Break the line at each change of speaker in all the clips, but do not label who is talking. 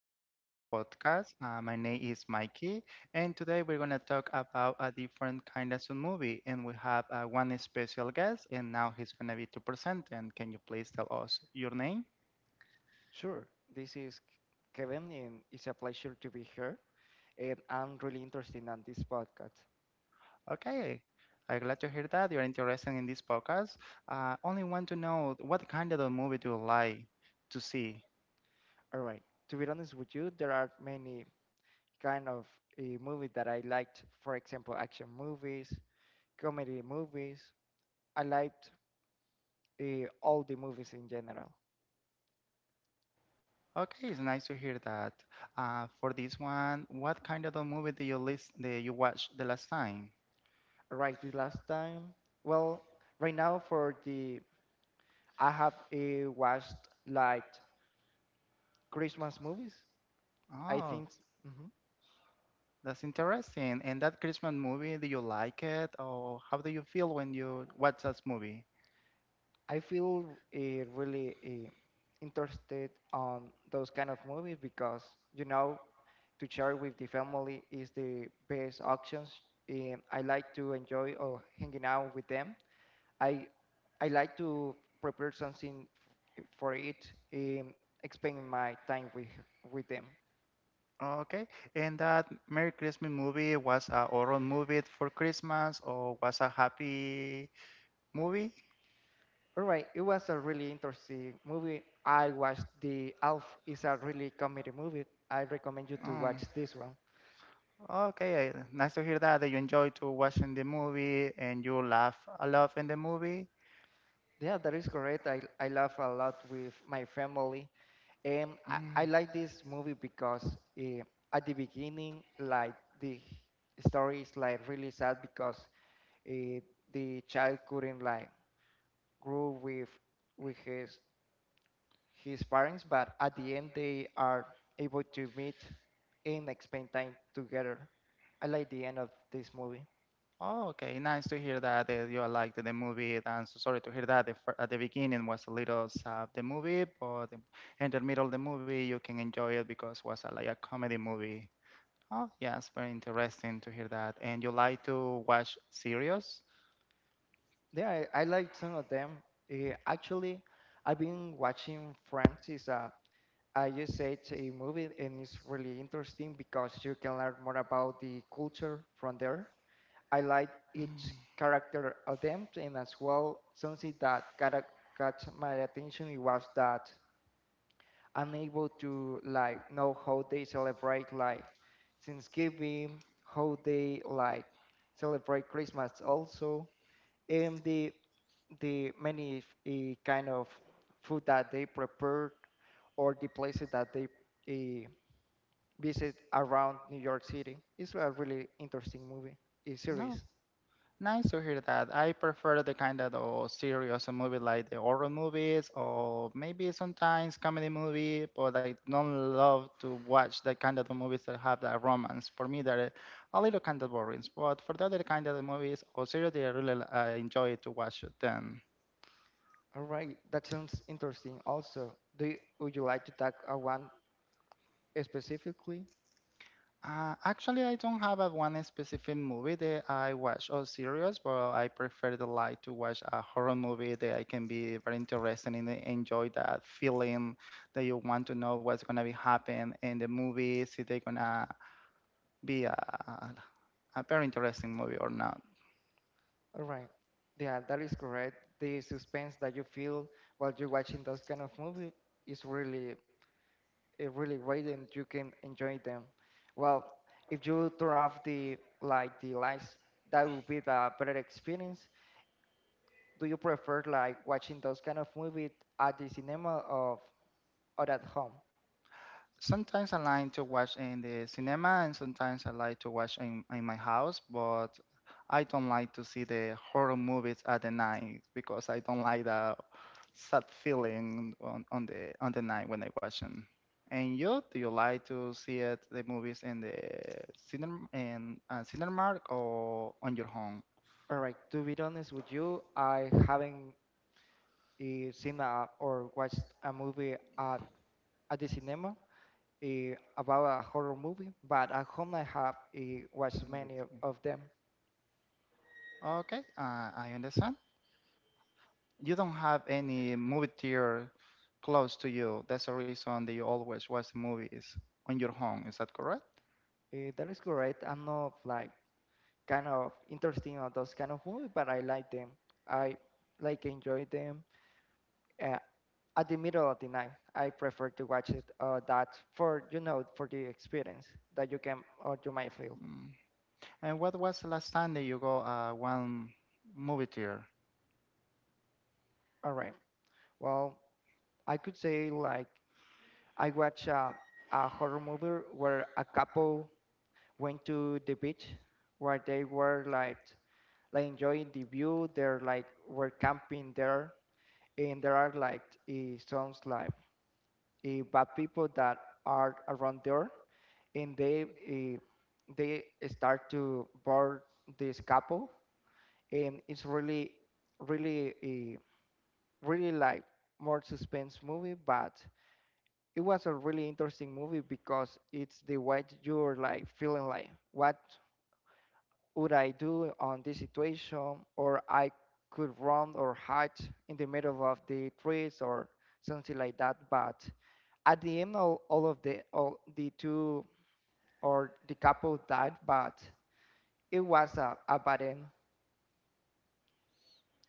here in a new podcast. My name is Mikey, and today we're going to talk about a different kind of movie. And we have one special guest, and now he's going to be to present. And can you please tell us your name?
Sure, this is Kevin, and it's a pleasure to be here. And I'm really interested in this podcast.
Okay, I'm glad to hear that you're interested in this podcast. Only want to know what kind of a movie do you like to see?
All right, to be honest with you, there are many kind of movies that I liked. For example, action movies, comedy movies. I liked all the movies in general.
Okay, it's nice to hear that. For this one, what kind of a movie do you list, that you watched the last time?
All right, the last time, well, right now for the I have watched like Christmas movies. I
Oh.
think. Mhm.
That's interesting. And that Christmas movie, do you like it? Or how do you feel when you watch that movie?
I feel really interested on those kind of movies because you know to share with the family is the best options. And I like to enjoy or hanging out with them. I I like to prepare something for it and spend my time with them.
Okay. And that Merry Christmas movie was a horror movie for Christmas or was a happy movie?
All right, it was a really interesting movie. I watched the Alf. It's a really comedy movie. I recommend you to
Um,
watch this one.
okay. Nice to hear that, that you enjoy to watching the movie and you laugh a lot in the movie.
Yeah, that is correct. I laugh a lot with my family. And I,
Mm.
I like this movie because uh, at the beginning, like the story is like really sad because uh, the child couldn't like grow with his parents, but at the end they are able to meet and spend time together. I like the end of this movie.
Oh, okay. Nice to hear that, you liked the movie. And so sorry to hear that. At the beginning was a little sad, the movie, but in the middle of the movie, you can enjoy it because it was a, like a comedy movie. Oh, yes, very interesting to hear that. And you like to watch series?
Yeah, I like some of them. Actually, I've been watching Friends. It's a I just say it's a movie and it's really interesting because you can learn more about the culture from there. I like each character of them and as well something that got my attention it was that I'm able to like know how they celebrate like Thanksgiving, how they like celebrate Christmas also and the many kind of food that they prepare or the places that they uh, visit around New York City. It's a really interesting movie, a
No.
series.
Nice to hear that. I prefer the kind of serious movie like the horror movies or maybe sometimes comedy movie, but I don't love to watch the kind of the movies that have that romance. For me, they're a little kind of boring. But for the other kind of the movies or series, I really I enjoy to watch them.
All right, that sounds interesting. Also, do you, would you like to talk one specifically?
Actually, I don't have a one specific movie that I watch or series, but I prefer the like to watch a horror movie that I can be very interested in and enjoy that feeling that you want to know what's gonna be happen in the movie, see they're gonna be a very interesting movie or not.
All right, yeah, that is correct. The suspense that you feel while you're watching those kind of movie is really, really great, and you can enjoy them. Well, if you turn off the like the lights, that would be the better experience. Do you prefer like watching those kind of movies at the cinema or at home.
Sometimes I like to watch in the cinema and sometimes I like to watch in my house, but I don't like to see the horror movies at the night because I don't like the sad feeling on the night when I watch them. And you, do you like to see it, the movies in the cinema in cinema or on your home?
All right, to be honest with you, I haven't seen a, or watched a movie at the cinema about a horror movie, but at home I have watched many of them.
Okay, I understand. You don't have any movie theater close to you. That's the reason that you always watch movies on your home. Is that correct?
Eh, that is correct. I'm not like kind of interesting on those kind of movies, but I like them. I like enjoy them. Uh, at the middle of the night, I prefer to watch it. That for you know for the experience that you can or you might feel.
Mm. And what was the last time that you go one movie theater?
All right. Well, I could say like I watched a horror movie where a couple went to the beach where they were like enjoying the view. They're like were camping there, and there are like some like bad people that are around there, and they start to board this couple, and it's really really like more suspense movie, but it was a really interesting movie because it's the way you're like feeling like what would I do on this situation or I could run or hide in the middle of the trees or something like that. But at the end all of the all the two or the couple died but it was a bad end.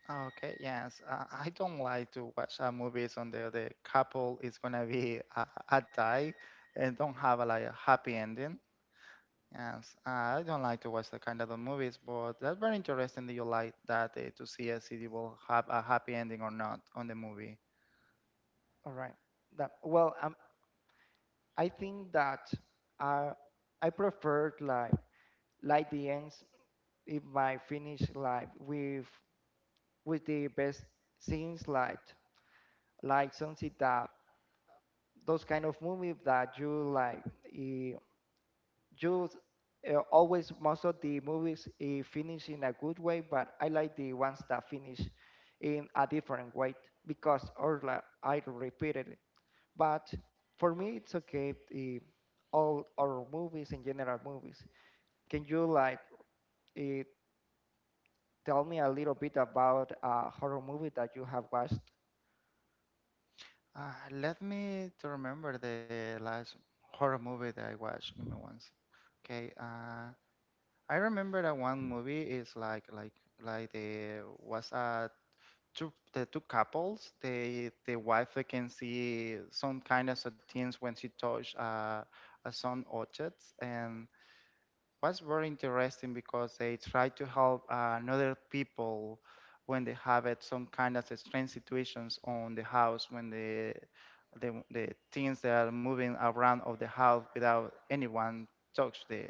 Okay, yes. I don't like to watch movies on the couple is gonna be a die and don't have a, like a happy ending. Yes, I don't like to watch that kind of the movies, but that's very interesting that you like that to see if it will have a happy ending or not on the movie.
All right. That well I think that uh, I preferred like the ends if I finish like with the best scenes like Sunset Dub, those kind of movies that you like. eh, you always most of the movies finish in a good way, but I like the ones that finish in a different way because or like, I repeated it. But for me, it's okay. All or movies in general movies. Can you like eh, tell me a little bit about a horror movie that you have watched?
Let me to remember the last horror movie that I watched. Give me once. Okay. I remember that one movie is like the was two the two couples. The wife they can see some kind of things when she touch a son objects and was very interesting because they try to help another people when they have it some kind of strange situations on the house when the things that are moving around of the house without anyone touch the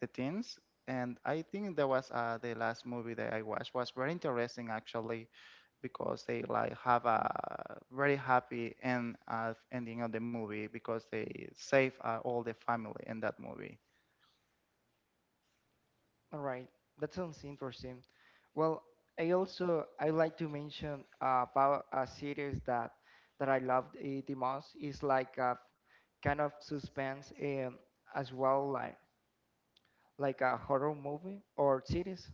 the things. And I think that was the last movie that I watched was very interesting actually because they like have a very happy end ending of the movie because they save all the family in that movie.
All right, that sounds interesting. Well, I also I like to mention about a series that I loved the most is like a kind of suspense as well like a horror movie or series.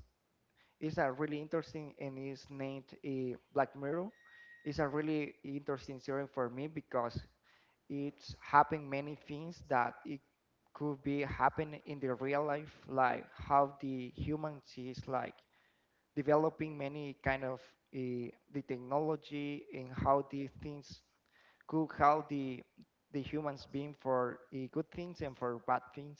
It's a really interesting and it's named Black Mirror. It's a really interesting series for me because it's happened many things that it could be happening in the real life, like how the human sees like developing many kind of uh, the technology and how these things could help the humans being for good things and for bad things.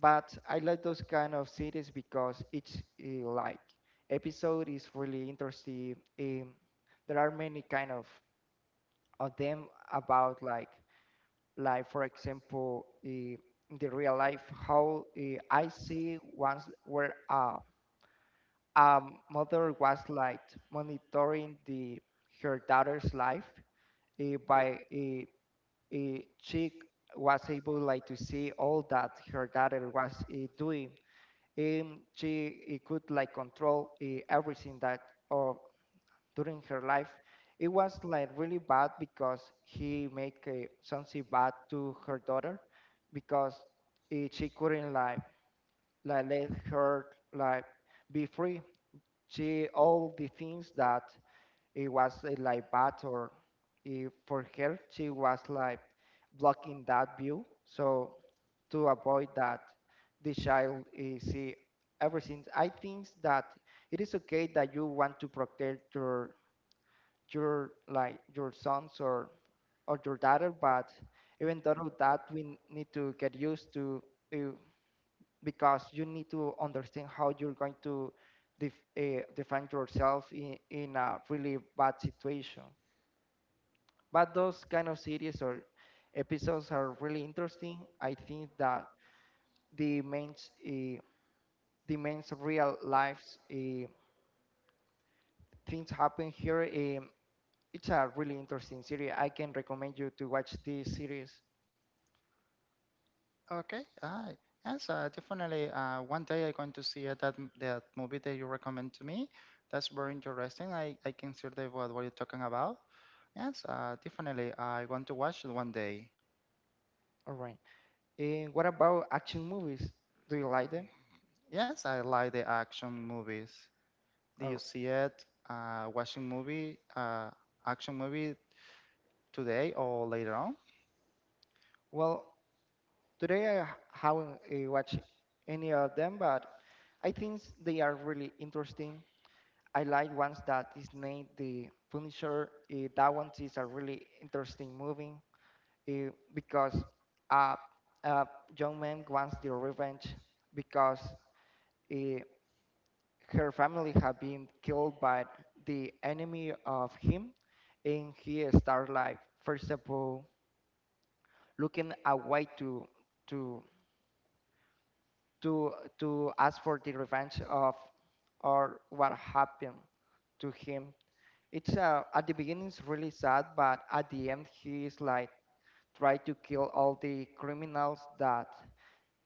But I like those kind of series because each like episode is really interesting. There are many kind of them about like for example in the real life how I see once where mother was like monitoring the her daughter's life by she was able like to see all that her daughter was doing and she could like control everything that or during her life it was like really bad because he make something bad to her daughter because she couldn't like let her like be free she all the things that it was like bad or for her she was like blocking that view so to avoid that the child see everything. I think that it is okay that you want to protect your like your sons or your daughter but even though that we need to get used to eh, because you need to understand how you're going to defend yourself in a really bad situation. But those kind of series or episodes are really interesting. I think that the men's uh, the men's real lives things happen here. It's a really interesting series. I can recommend you to watch this series.
Okay, aye. Yes, definitely. One day I'm going to see that movie that you recommend to me. That's very interesting. I can see what you're talking about. Yes, definitely. I want to watch it one day.
All right. And what about action movies? Do you like them?
Yes, I like the action movies. Do you
Or
see it? Watching movie, action movie today or later on?
well, today I haven't watched any of them, but I think they are really interesting. I like ones that is named The Punisher. That one is a really interesting movie because a, a young man wants the revenge because uh, her family have been killed by the enemy of him, and he start like first of all looking a way to to to ask for the revenge of or what happened to him. It's at the beginning it's really sad, but at the end he is like try to kill all the criminals that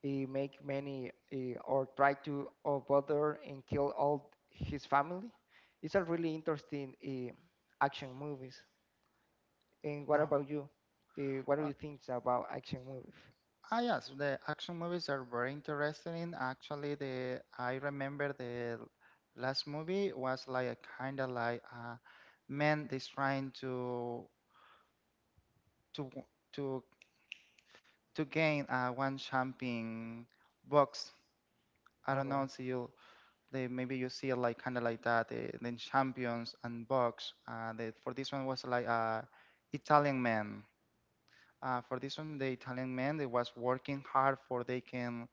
he make many or try to or bother and kill all his family. It's a really interesting action movies. And what
No.
about you? What do
Uh,
you think about action movies?
yes, the action movies are very interesting. In. Actually, the I remember the last movie was like a kind of like a man that's trying to to to gain one champion box. I
All
don't know.
right,
So you they maybe you see it like kind of like that. The champions and box. The, for this one was like a Italian man. For this one, the Italian man they was working hard for they can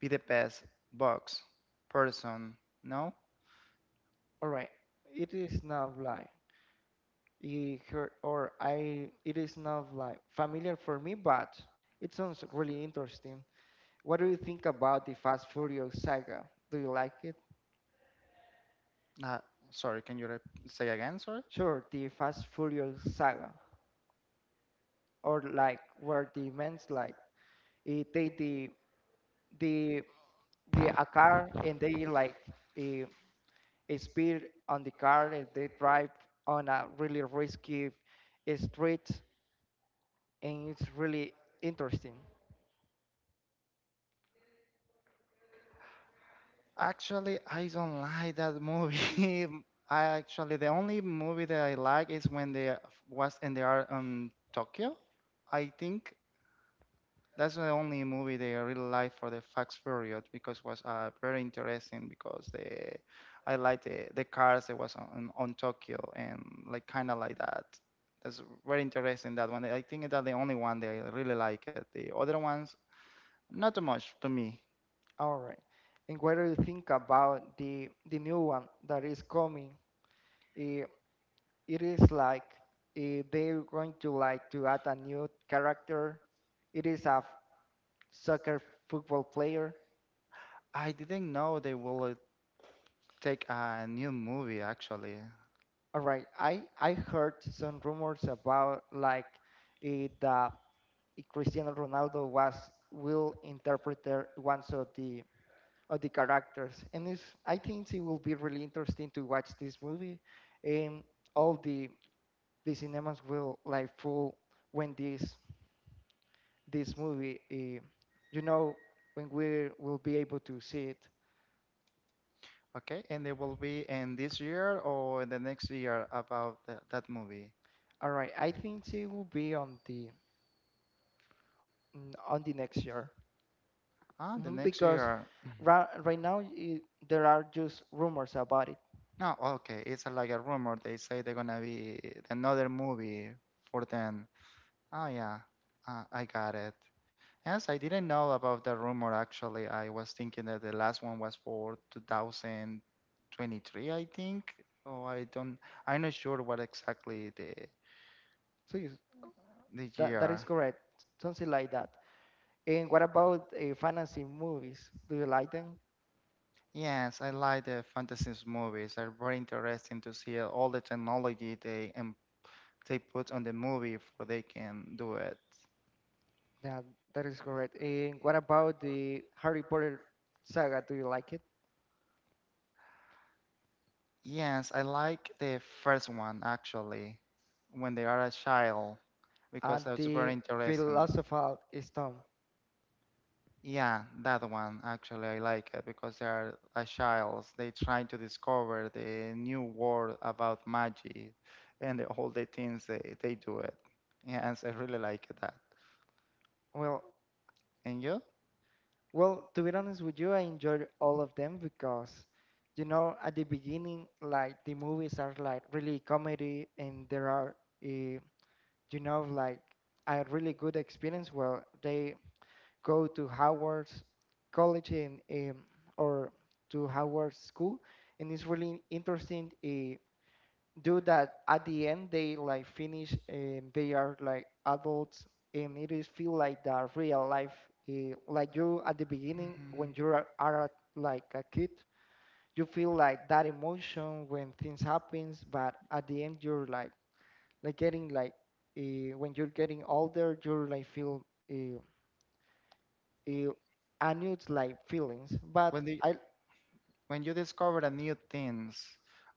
be the best box person. No,
all right. It is not like you heard or I it is not like familiar for me, but it sounds really interesting. What do you think about the Fast Furious saga? Do you like it?
uh, sorry. Can you say again? Sorry.
Sure, the Fast Furious saga, or like where the men's like they the the a car and they like eh, speed on the car and they drive on a really risky street and it's really interesting.
Actually, I don't like that movie. I actually the only movie that I like is when they was and they are in Tokyo. I think that's the only movie that I really like for the Fast Furious because was very interesting because the I like the cars that was on Tokyo and like kind of like that. That's very interesting that one. I think that the only one that I really like it. The other ones not too much to me.
All right. And what do you think about the new one that is coming? Eh, it is like they're going to like to add a new character. It is a soccer football player.
I didn't know they will take a new movie actually.
All right. I heard some rumors about like that Cristiano Ronaldo was will interpret one of the characters, and it's, I think it will be really interesting to watch this movie and all the cinemas will like full when this movie you know when we will be able to see it.
Okay, and they will be in this year or the next year about the, that movie.
All right, I think it will be on the on the next year.
Ah, the
Hmm,
next
because
year.
right now I there are just rumors about it
No, okay. It's like a rumor. They say they're gonna be another movie for them. Oh yeah, I got it. Yes, I didn't know about the rumor actually. I was thinking that the last one was for 2023, I think. Oh, I don't. I'm not sure what exactly the
so yes,
the
that is
year.
correct something like that. And what about fantasy movies, do you like them?
Yes, I like the fantasy movies. They're very interesting to see all the technology they em they put on the movie for they can do it.
Yeah, that is correct. And what about the Harry Potter saga, do you like it
Yes, I like the first one actually, when they are a child, because
and
that's very
the
interesting.
philosophical stone.
Yeah, that one actually I like it because they are a child. They trying to discover the new world about magic and all the things they do it. Yes, I really like that.
Well,
And you?
well, to be honest with you, I enjoyed all of them because, you know, at the beginning, like the movies are like really comedy, and there are, uh, you know, like a really good experience where they go to Howard's college and or to Howard's school, and it's really interesting. Do that at the end they like finish and they are like adults and it is feel like the real life like you at the beginning when
Mhm.
you are like a kid you feel like that emotion when things happens, but at the end you're like getting like when you're getting older you're like feel uh, uh, a new like feelings but
When they,
i
when you discover a new things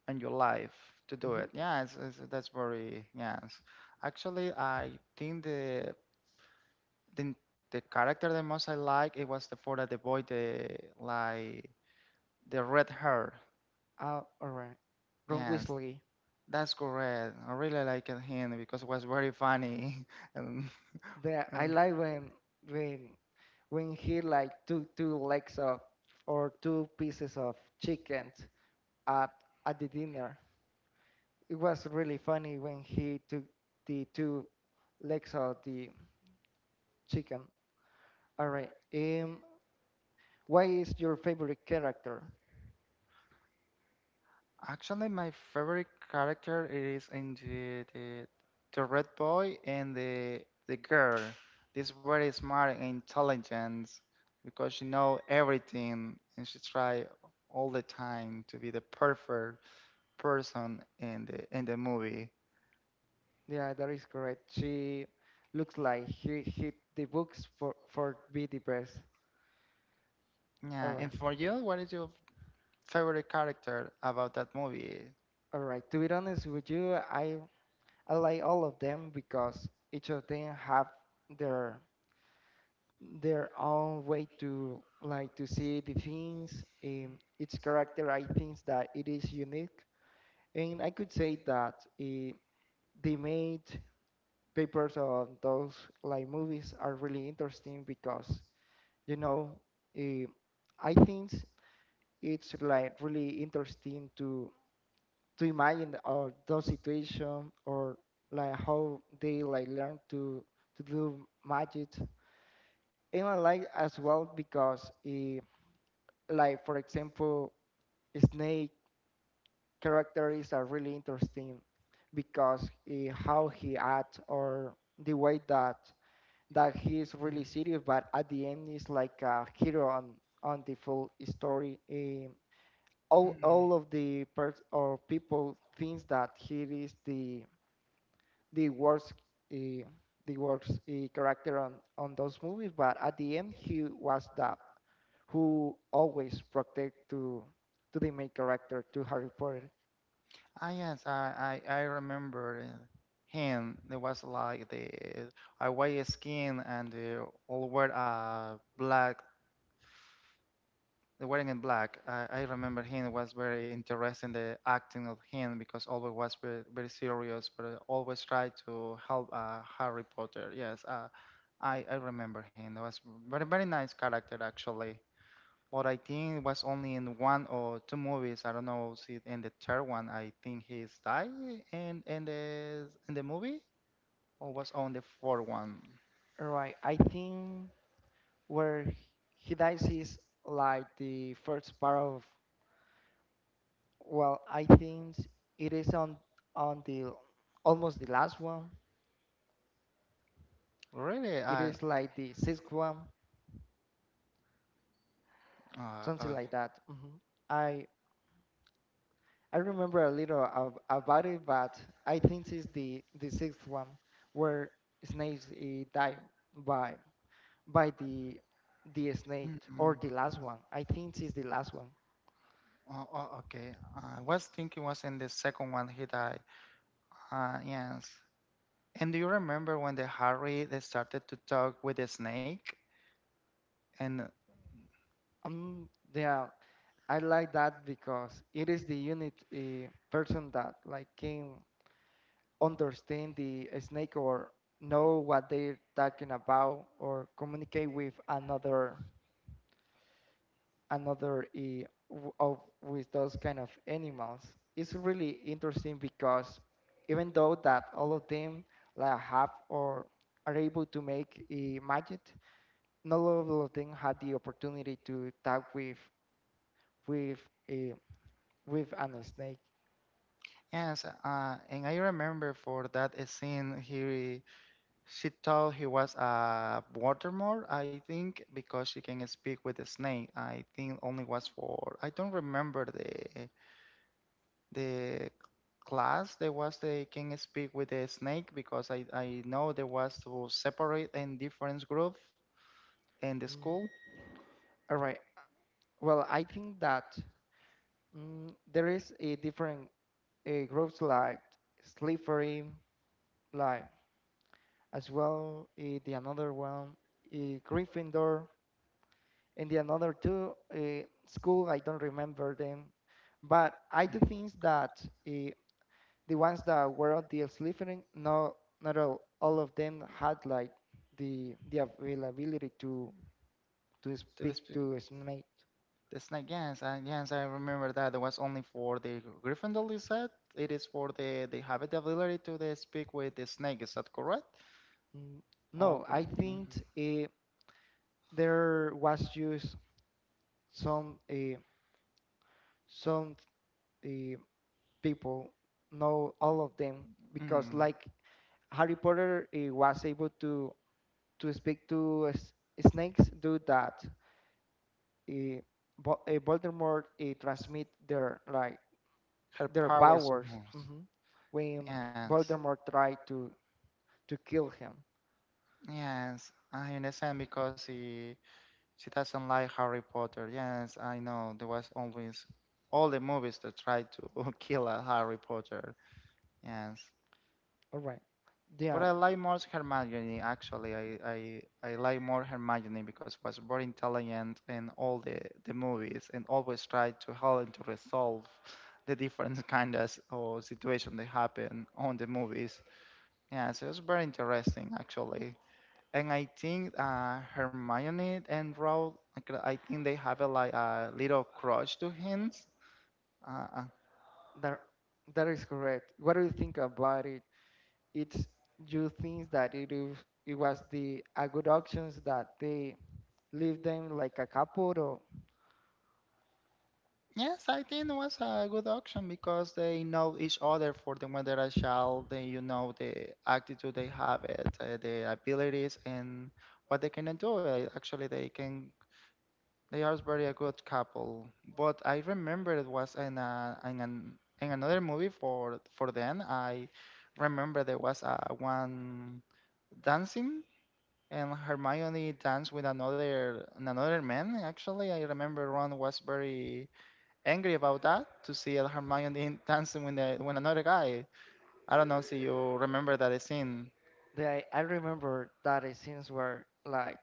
in your life to do
mhm,
it yeah that's very yes actually I think the the character the most I like it was the for the boy the like the red hair.
all right, Ron
Yes,
Weasley.
that's correct. I really liked him because it was very funny and,
There, I
and-
like when when he like took two legs of or two pieces of chicken at at the dinner. It was really funny when he took the two legs of the chicken. All right. What is your favorite character?
Actually, my favorite character is in the red boy and the girl. This very smart and intelligent because she know everything and she try all the time to be the perfect person in the movie.
Yeah, that is correct. She looks like he hit the books for be the best. All
Yeah,
right.
and for you, what is your favorite character about that movie?
All right. To be honest with you, I like all of them because each of them have their their own way to like to see the things. Its character, I think that it is unique, and I could say that uh, they made papers of those like movies are really interesting because you know uh, I think it's like really interesting to imagine or those situations or like how they like learn to do magic, and I like as well because like for example snake characters are really interesting because how he acts or the way that he is really
Mm.
serious but at the end is like a hero on the full story. All
Mm.
of the or people thinks that he is the worst uh, the worst character on those movies, but at the end he was the who always protect to the main character, to Harry Potter.
Ah, yes, I remember him. There was like the a white skin and all wear black, the wearing in black. I remember him. It was very interesting the acting of him because always was very, very serious, but always tried to help Harry Potter. Yes, I remember him. It was very very nice character actually. But I think it was only in one or two movies. I don't know. See, in the third one, I think he's died in in the movie, or was on the fourth one.
Right, I think where he dies is like the first part of, well, I think it is on the almost the last one.
Really,
It
I.
is like the sixth one,
Uh,
something
uh,
like that. Hmm, i I remember a little of, about it, but I think it's the sixth one where snakes die by by the
mm,
snake,
mm.
or the last one. I think it's the last one.
Oh, oh, okay. I was thinking was in the second one he died. Yes. And do you remember when the Harry they started to talk with the snake? And
Um, yeah, I like that because it is the unit person that like can understand the snake or know what they're talking about or communicate with another of with those kind of animals. It's really interesting because even though that all of them like have or are able to make magic, not all of them had the opportunity to talk with a with an snake.
yes, and I remember for that scene he she thought he was a watermore, I think, because she can speak with the snake. I think only was for I don't remember the class there was they can speak with the snake because I know there was to separate in different group in the
Mm.
school
All right. Well, I think that there is a different groups like Slytherin, like as well the another one, uh, Gryffindor, and the another two school. I don't remember them, but I do think that uh, the ones that were on the sleeping, no, not all of them had like the availability to
to the
speak
speak
to a snake.
the snake. Yes, yes, I remember that. There was only for the Gryffindor, is that? It is for the they have the ability to the speak with the snake. Is that correct?
Mm,
Oh,
no, I think
mm,
uh, there was just some some uh, people know all of them because
mm.
like Harry Potter was able to speak to snakes do that. Uh, Voldemort transmit their like
Her
their
powers of
powers
moves.
mhm, when
Yes.
Voldemort tried to kill him.
Yes, I understand because she doesn't like Harry Potter. Yes, I know. There was always all the movies that tried to kill a Harry Potter. Yes.
All right. Yeah,
But I like more Hermione actually. I I like more Hermione because was more intelligent in all the movies and always tried to help and to resolve the different kinds of situation that happen on the movies. Yeah, so it's very interesting actually. And I think Hermione and Ron, like, I think they have a, like a little crush to him. Uh, uh,
that that is correct. What do you think about it? It's you think that it is it was the a good options that they leave them like a couple or
yes, I think it was a good auction because they know each other for the when they're a child. They the attitude they have, the abilities, and what they can do. Actually, they are very a good couple, but I remember it was in a, in an in another movie for them. I remember there was a one dancing and Hermione danced with another man. Actually, I remember Ron was very angry about that to see Hermione dancing with another guy. I don't know if you remember that scene.
they, I remember that it scenes were like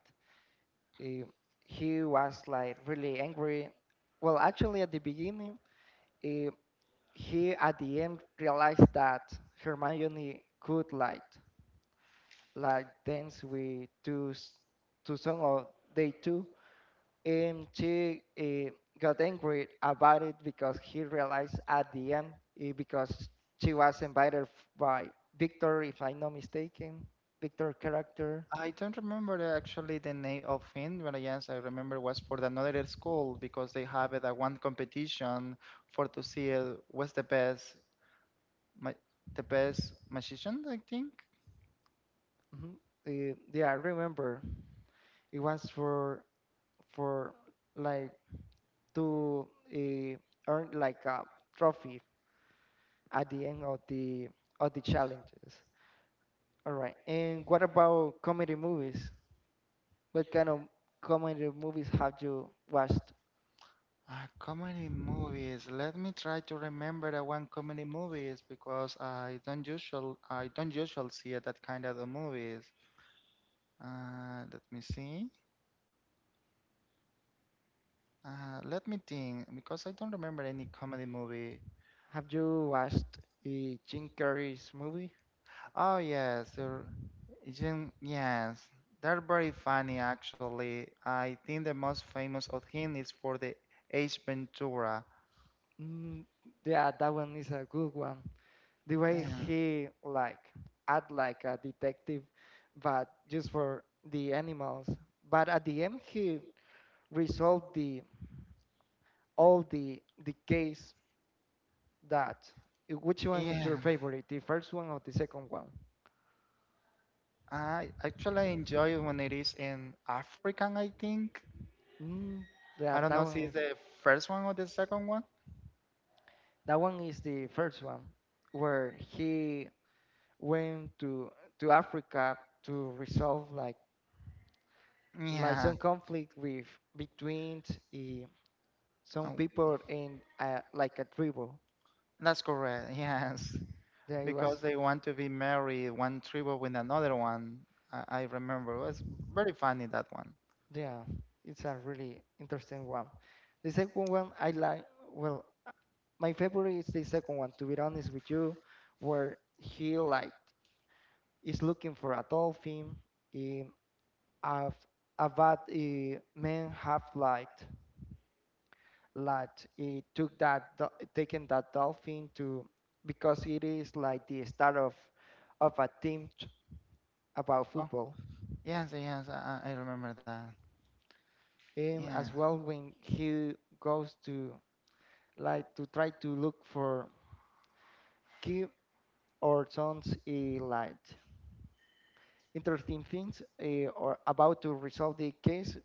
Uh, he was like really angry. Well, actually, at the beginning, uh, he at the end realized that Hermione could like dance with two song of day two, and she got angry about it because he realized at the end because she was invited by Victor, if I'm not mistaken, Victor character.
I don't remember actually the name of it, but yes, I remember was for the another school because they have it a one competition for to see what's ma the best magician, I think.
Mhm. Yeah, I remember it was for like to uh, earn like a trophy at the end of the challenges. All right. And what about comedy movies? What kind of comedy movies have you watched?
Comedy movies. Let me try to remember the one comedy movies because I don't usually see that kind of the movies. Let me see. Let me think because I don't remember any comedy movie.
Have you watched uh, Jim Carrey's movie?
Oh yes, yes, they're very funny actually. I think the most famous of him is for the Ace Ventura.
Mm, yeah, that one is a good one. The way
Yeah,
he like act like a detective, but just for the animals. But at the end, he resolved the all the case that which one is
yeah.
your favorite, the first one or the second one?
I actually enjoy when it is in African, I think.
mm,
I
that
don't know
that
if
one
it's
is,
the first one or the second one.
that one is the first one where he went to Africa to resolve like
Yeah,
some conflict with between uh, some
oh,
people in like a tribe.
that's correct. Yes,
Yeah, it was,
because they want to be married, one tribe with another one. I remember it was very funny that one.
yeah, it's a really interesting one. The second one I like, well, my favorite is the second one, to be honest with you, where he like is looking for a dolphin. Um, a, a bad man have like he took that taken that dolphin to because it is like the start of a team about
Oh,
football.
yes, yes, I remember that.
And
Yeah.
as well when he goes to like to try to look for Kim or sons he like interesting things or about to resolve the case.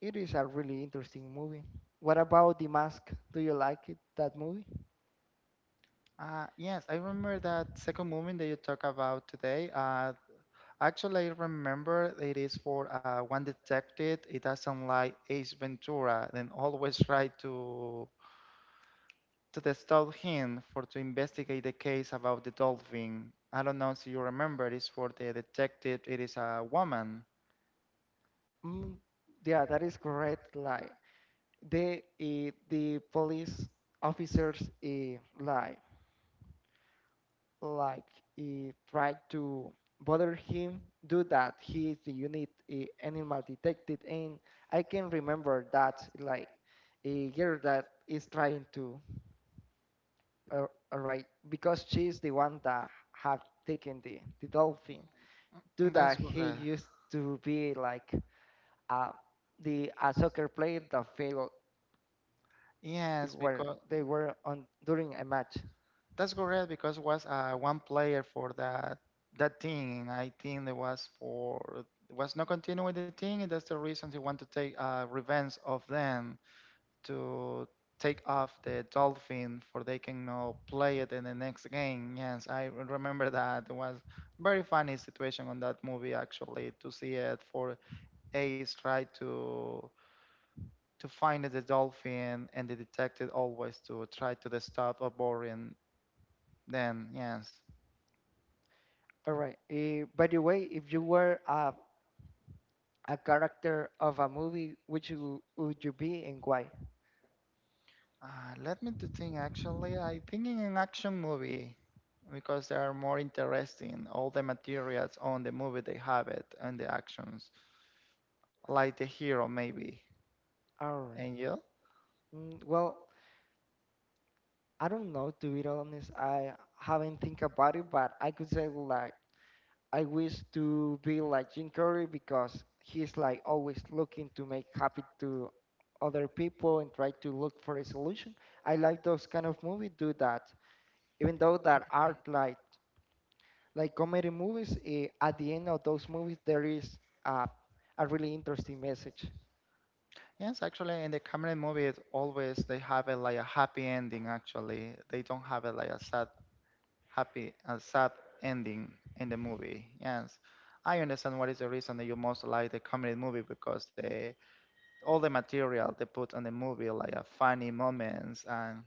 It is a really interesting movie. What about The Mask? Do you like it, that movie?
Yes, I remember that second movie that you talk about today. Actually, I remember it is for one detective. It doesn't like Ace Ventura, then always try to stop him for to investigate the case about the dolphin. I don't know if you remember. It's for the detective. It is a woman.
Mm, yeah, that is correct. Like the police officers like try to bother him. Do that. He is the unit animal detective, and I can remember that like a girl that is trying to, all right, because she's the one that have taken the dolphin. Do
That's
that he
correct.
used to be like uh, the a soccer player that failed
Yes,
where
because.
they were on during a match.
That's correct because was one player for that team. I think there was for was not continuing with the team, and that's the reason he want to take revenge of them to take off the dolphin for they can now play it in the next game. Yes, I remember that. It was very funny situation on that movie actually to see it for Ace try to find the dolphin and the detective always to try to the stop a boring then yes
All right. By the way, if you were a character of a movie, which you, would you be and why?
Let me to think actually. I think in an action movie because they are more interesting. All the materials on the movie they have it and the actions, like the hero maybe.
All right.
And you?
Mm, well, I don't know. To be honest, I haven't think about it, but I could say like I wish to be like Jim Carrey because he's like always looking to make happy to other people and try to look for a solution. I like those kind of movies do that. Even though that are like comedy movies, at the end of those movies there is a, a really interesting message.
Yes, actually, in the Cameron movie, it always they have it like a happy ending. Actually, they don't have it like a sad, happy, a sad ending in the movie. Yes, I understand what is the reason that you most like the comedy movie because they all the material they put on the movie, like a funny moments and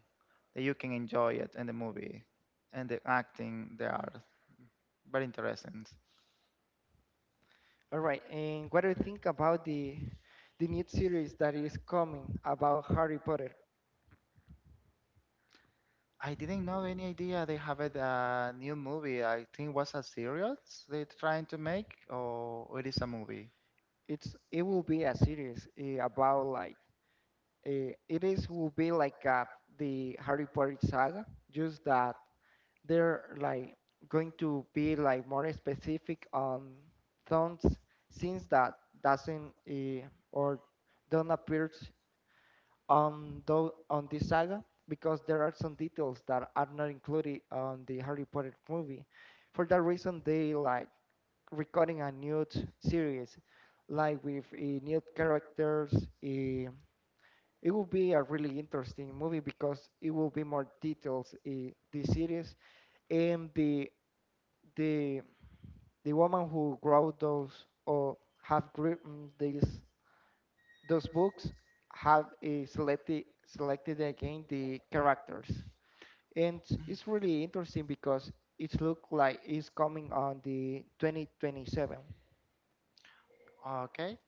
that you can enjoy it and the movie and the acting they are very interesting.
All right, and what do you think about the new series that is coming about Harry Potter?
I didn't know any idea they have it, a new movie. I think was a series they're trying to make, or it is a movie.
It's it will be a series about like it is will be like the Harry Potter saga, just that they're like going to be like more specific on things since that doesn't or don't appear on those on this saga because there are some details that are not included on the Harry Potter movie. For that reason, they like recording a new series, like with new characters. It will be a really interesting movie because it will be more details in the series, and the the woman who wrote those or have written these those books have selected again the characters, and it's really interesting because it looks like it's coming on the 2027.
Okay.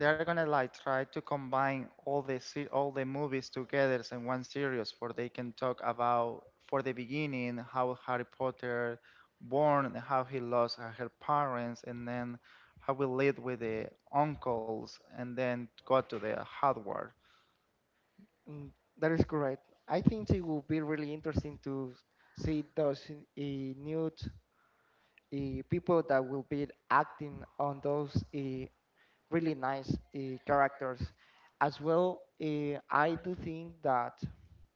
They are gonna like try to combine all the movies together in one series, for they can talk about for the beginning how Harry Potter born, and how he lost her parents, and then how we lead with the uncles, and then go to the Hogwarts.
Mm, that is correct, I think it will be really interesting to see those new uh, people that will be acting on those really nice characters. As well, I do think that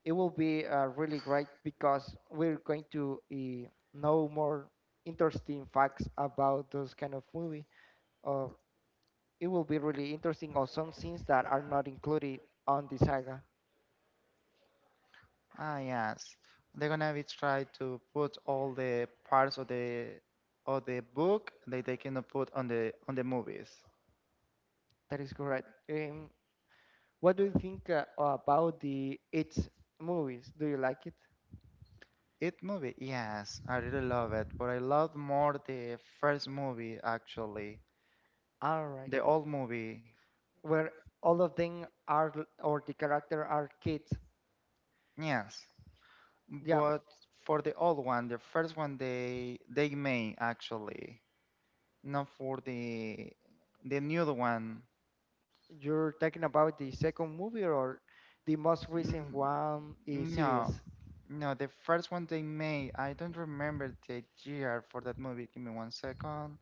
it will be really great because we're going to know more interesting facts about those kind of movie, or it will be really interesting or some scenes that are not included on the saga.
Ah, yes, they're gonna be try to put all the parts of the book that they cannot put on the movies.
That is correct. What do you think about the its movies? Do you like it?
It movie, yes, I really love it, but I love more the first movie actually,
All right.
the old movie,
Where all of them are or the character are kids.
yes.
Yeah,
But for the old one, the first one they made actually, not for the new one.
you're talking about the second movie or the most recent
Mm,
one
no,
series.
no, the first one they made. I don't remember the year for that movie. Give me one second.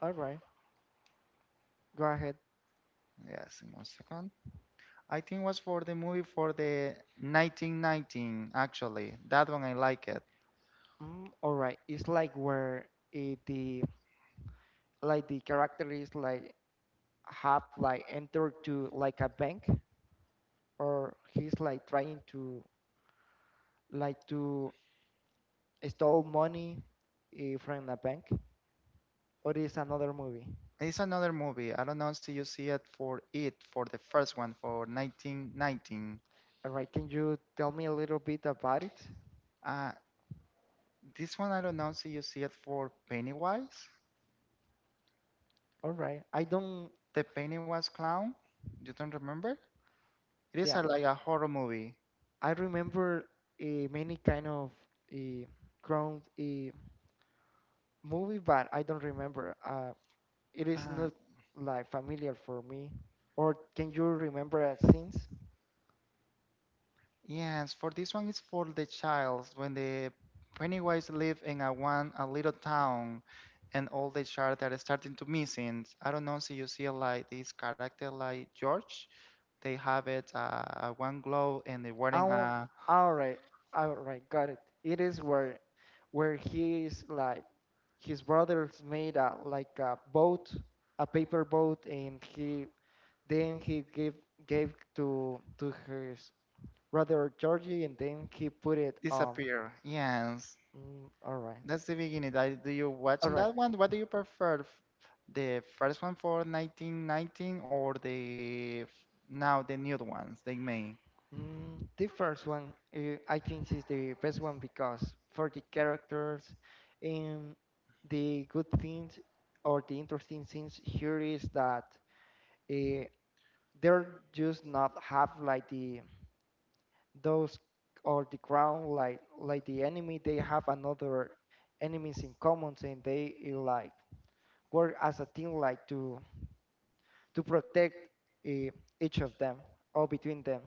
All right, go ahead.
Yes, in one second. I think was for the movie for the 1919 actually. That one I like it.
Mm, all right, it's like where the like the character is like have like entered to like a bank or he's like trying to like to steal money from a bank or is another movie.
It's another movie. I don't know if you see it for the first one for 1919.
All right, can you tell me a little bit about it?
Uh, this one I don't know if you see it for Pennywise,
All right. I don't.
the Pennywise clown. You don't remember? It is
Yeah,
a, like a horror movie.
I remember many kind of uh, ground movie, but I don't remember. It is
Ah,
not like familiar for me. Or can you remember scenes?
yes, for this one is for the child. When the Pennywise live in a little town, and all the child that are starting to missing. I don't know if you see like this character like George. They have it one glow and they wearing
Um, all right, all right, got it. It is where he is like his brothers made a like a boat, a paper boat, and he then he gave to his rather Georgie, and then he put it.
disappear. Yes,
All right,
that's the beginning. Do you watch
all
watching
right.
that one? What do you prefer? The first one for 1919 or now the new ones they made?
Mm, the first one, I think, is the best one because for the characters and the good things or the interesting things here is that uh, they're just not have like the those or the ground like the enemy. They have another enemies in common, and they like work as a team like to protect eh, each of them or between them.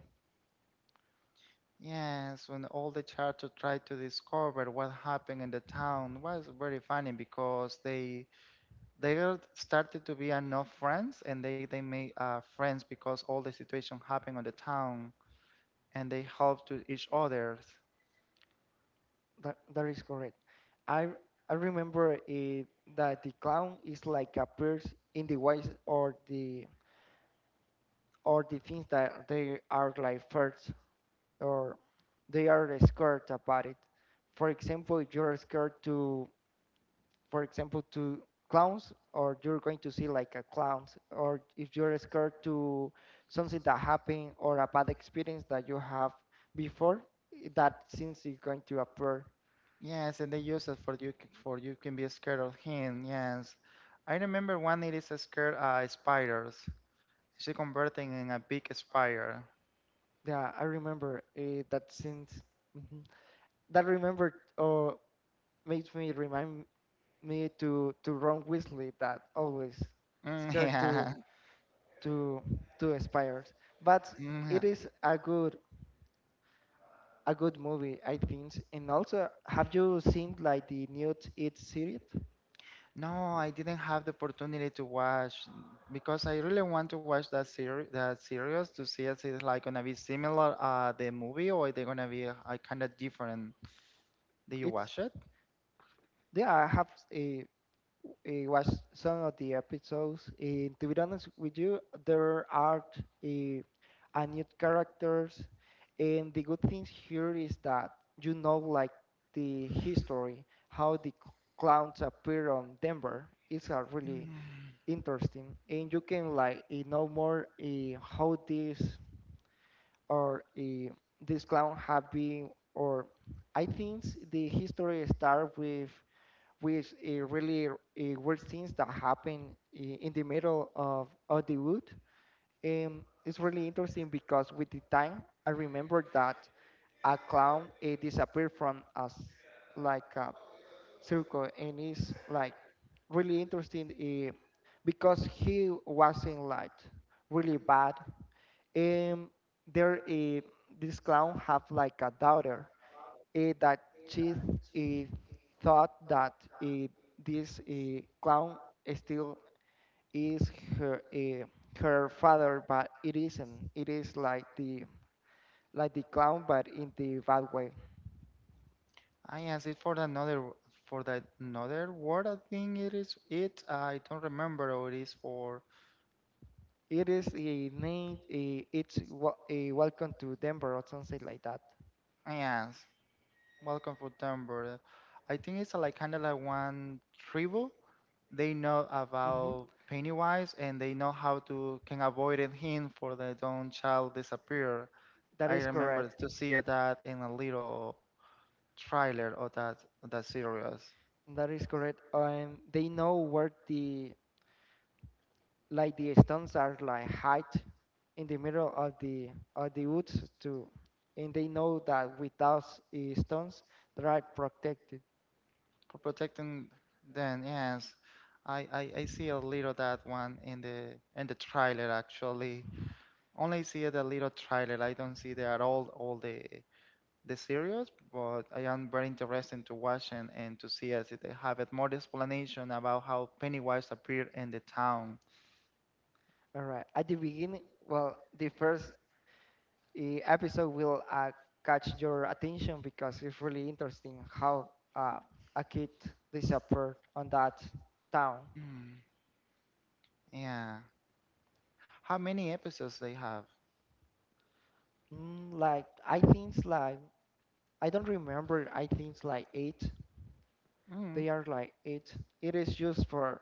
Yes, when all the charter tried to discover what happened in the town was very funny because they started to be enough friends and they made friends because all the situation happened on the town and they helped to each others.
That is correct. I r- I remember that the clown is like a purse in the ways or the things that they are like first or they are scared about it. For example, if you're scared to, for example, to clowns, or you're going to see like a clowns, or if you're scared to something that happened or a bad experience that you have before, that since is going to appear.
Yes, and they use it for you can be scared of him. Yes, I remember one lady is scared spiders. She converting in a big spider.
Yeah, I remember that since mhm. that remember or makes me remind me to Ron Weasley that always
Mm,
scared
yeah.
to to aspires. But
Mm, yeah.
it is a good movie, I think. And also, have you seen like the new It series?
No, I didn't have the opportunity to watch because I really want to watch that series to see if it's like gonna be similar the movie or they're gonna be kind of different. Did you
It's,
watch it?
yeah, I have uh, watched some of the episodes. And to be honest with you, there are a new characters, and the good thing here is that you know like the history, how the clowns appear on Denver. It's a really
Mm.
interesting, and you can like know more how this or this clown have been, or I think the history start with really weird things that happen in the middle of the wood. It's really interesting because with the time I remember that a clown disappeared from us like a circle, and it's like really interesting because he wasn't like really bad um, there, this clown have like a daughter that she eh, thought that eh, this clown still is her her father, but it isn't. It is like the clown, but in the bad way.
I asked it for that another word. I think it is it. I don't remember what it is for.
It is a name. It's a welcome to Denver or something like that.
Yes, welcome for Denver. I think it's like kind of like one tribal. They know
Mhm.
about Pennywise and they know how to can avoid it him for their own child disappear.
That
I
is
remember
correct.
to see that in a little trailer of that series
That is correct. And they know where the like the stones are like hide in the middle of the woods too, and they know that without stones they are protected.
for protecting them. Yes, I see a little that one in the trailer actually. Only see the little trailer. I don't see the at all the series, but I am very interested to watch and to see as if they have it more explanation about how Pennywise appeared in the town.
All right, at the beginning, well, the first episode will catch your attention because it's really interesting how uh, a kid disappeared on that town.
Mm, yeah. How many episodes they have?
Mm, like I think it's like, I don't remember, I think it's like eight,
Mm.
they are like eight, it is used for,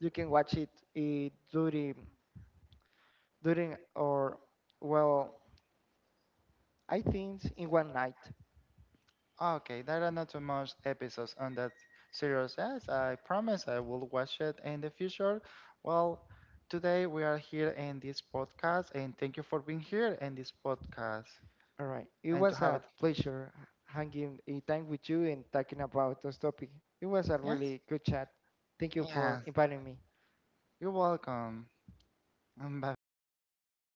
you can watch it eh, during during or, well, I think in one night.
Okay, there are not too much episodes on that series. Yes, I promise I will watch it in the future. Well, today we are here in this podcast, and thank you for being here in this podcast
All right. It
and to
was
have it.
a pleasure hanging a time with you and talking about this topic. It was a
Yeah,
really good chat. Thank you for
yes,
inviting me.
you're welcome. Bye bye.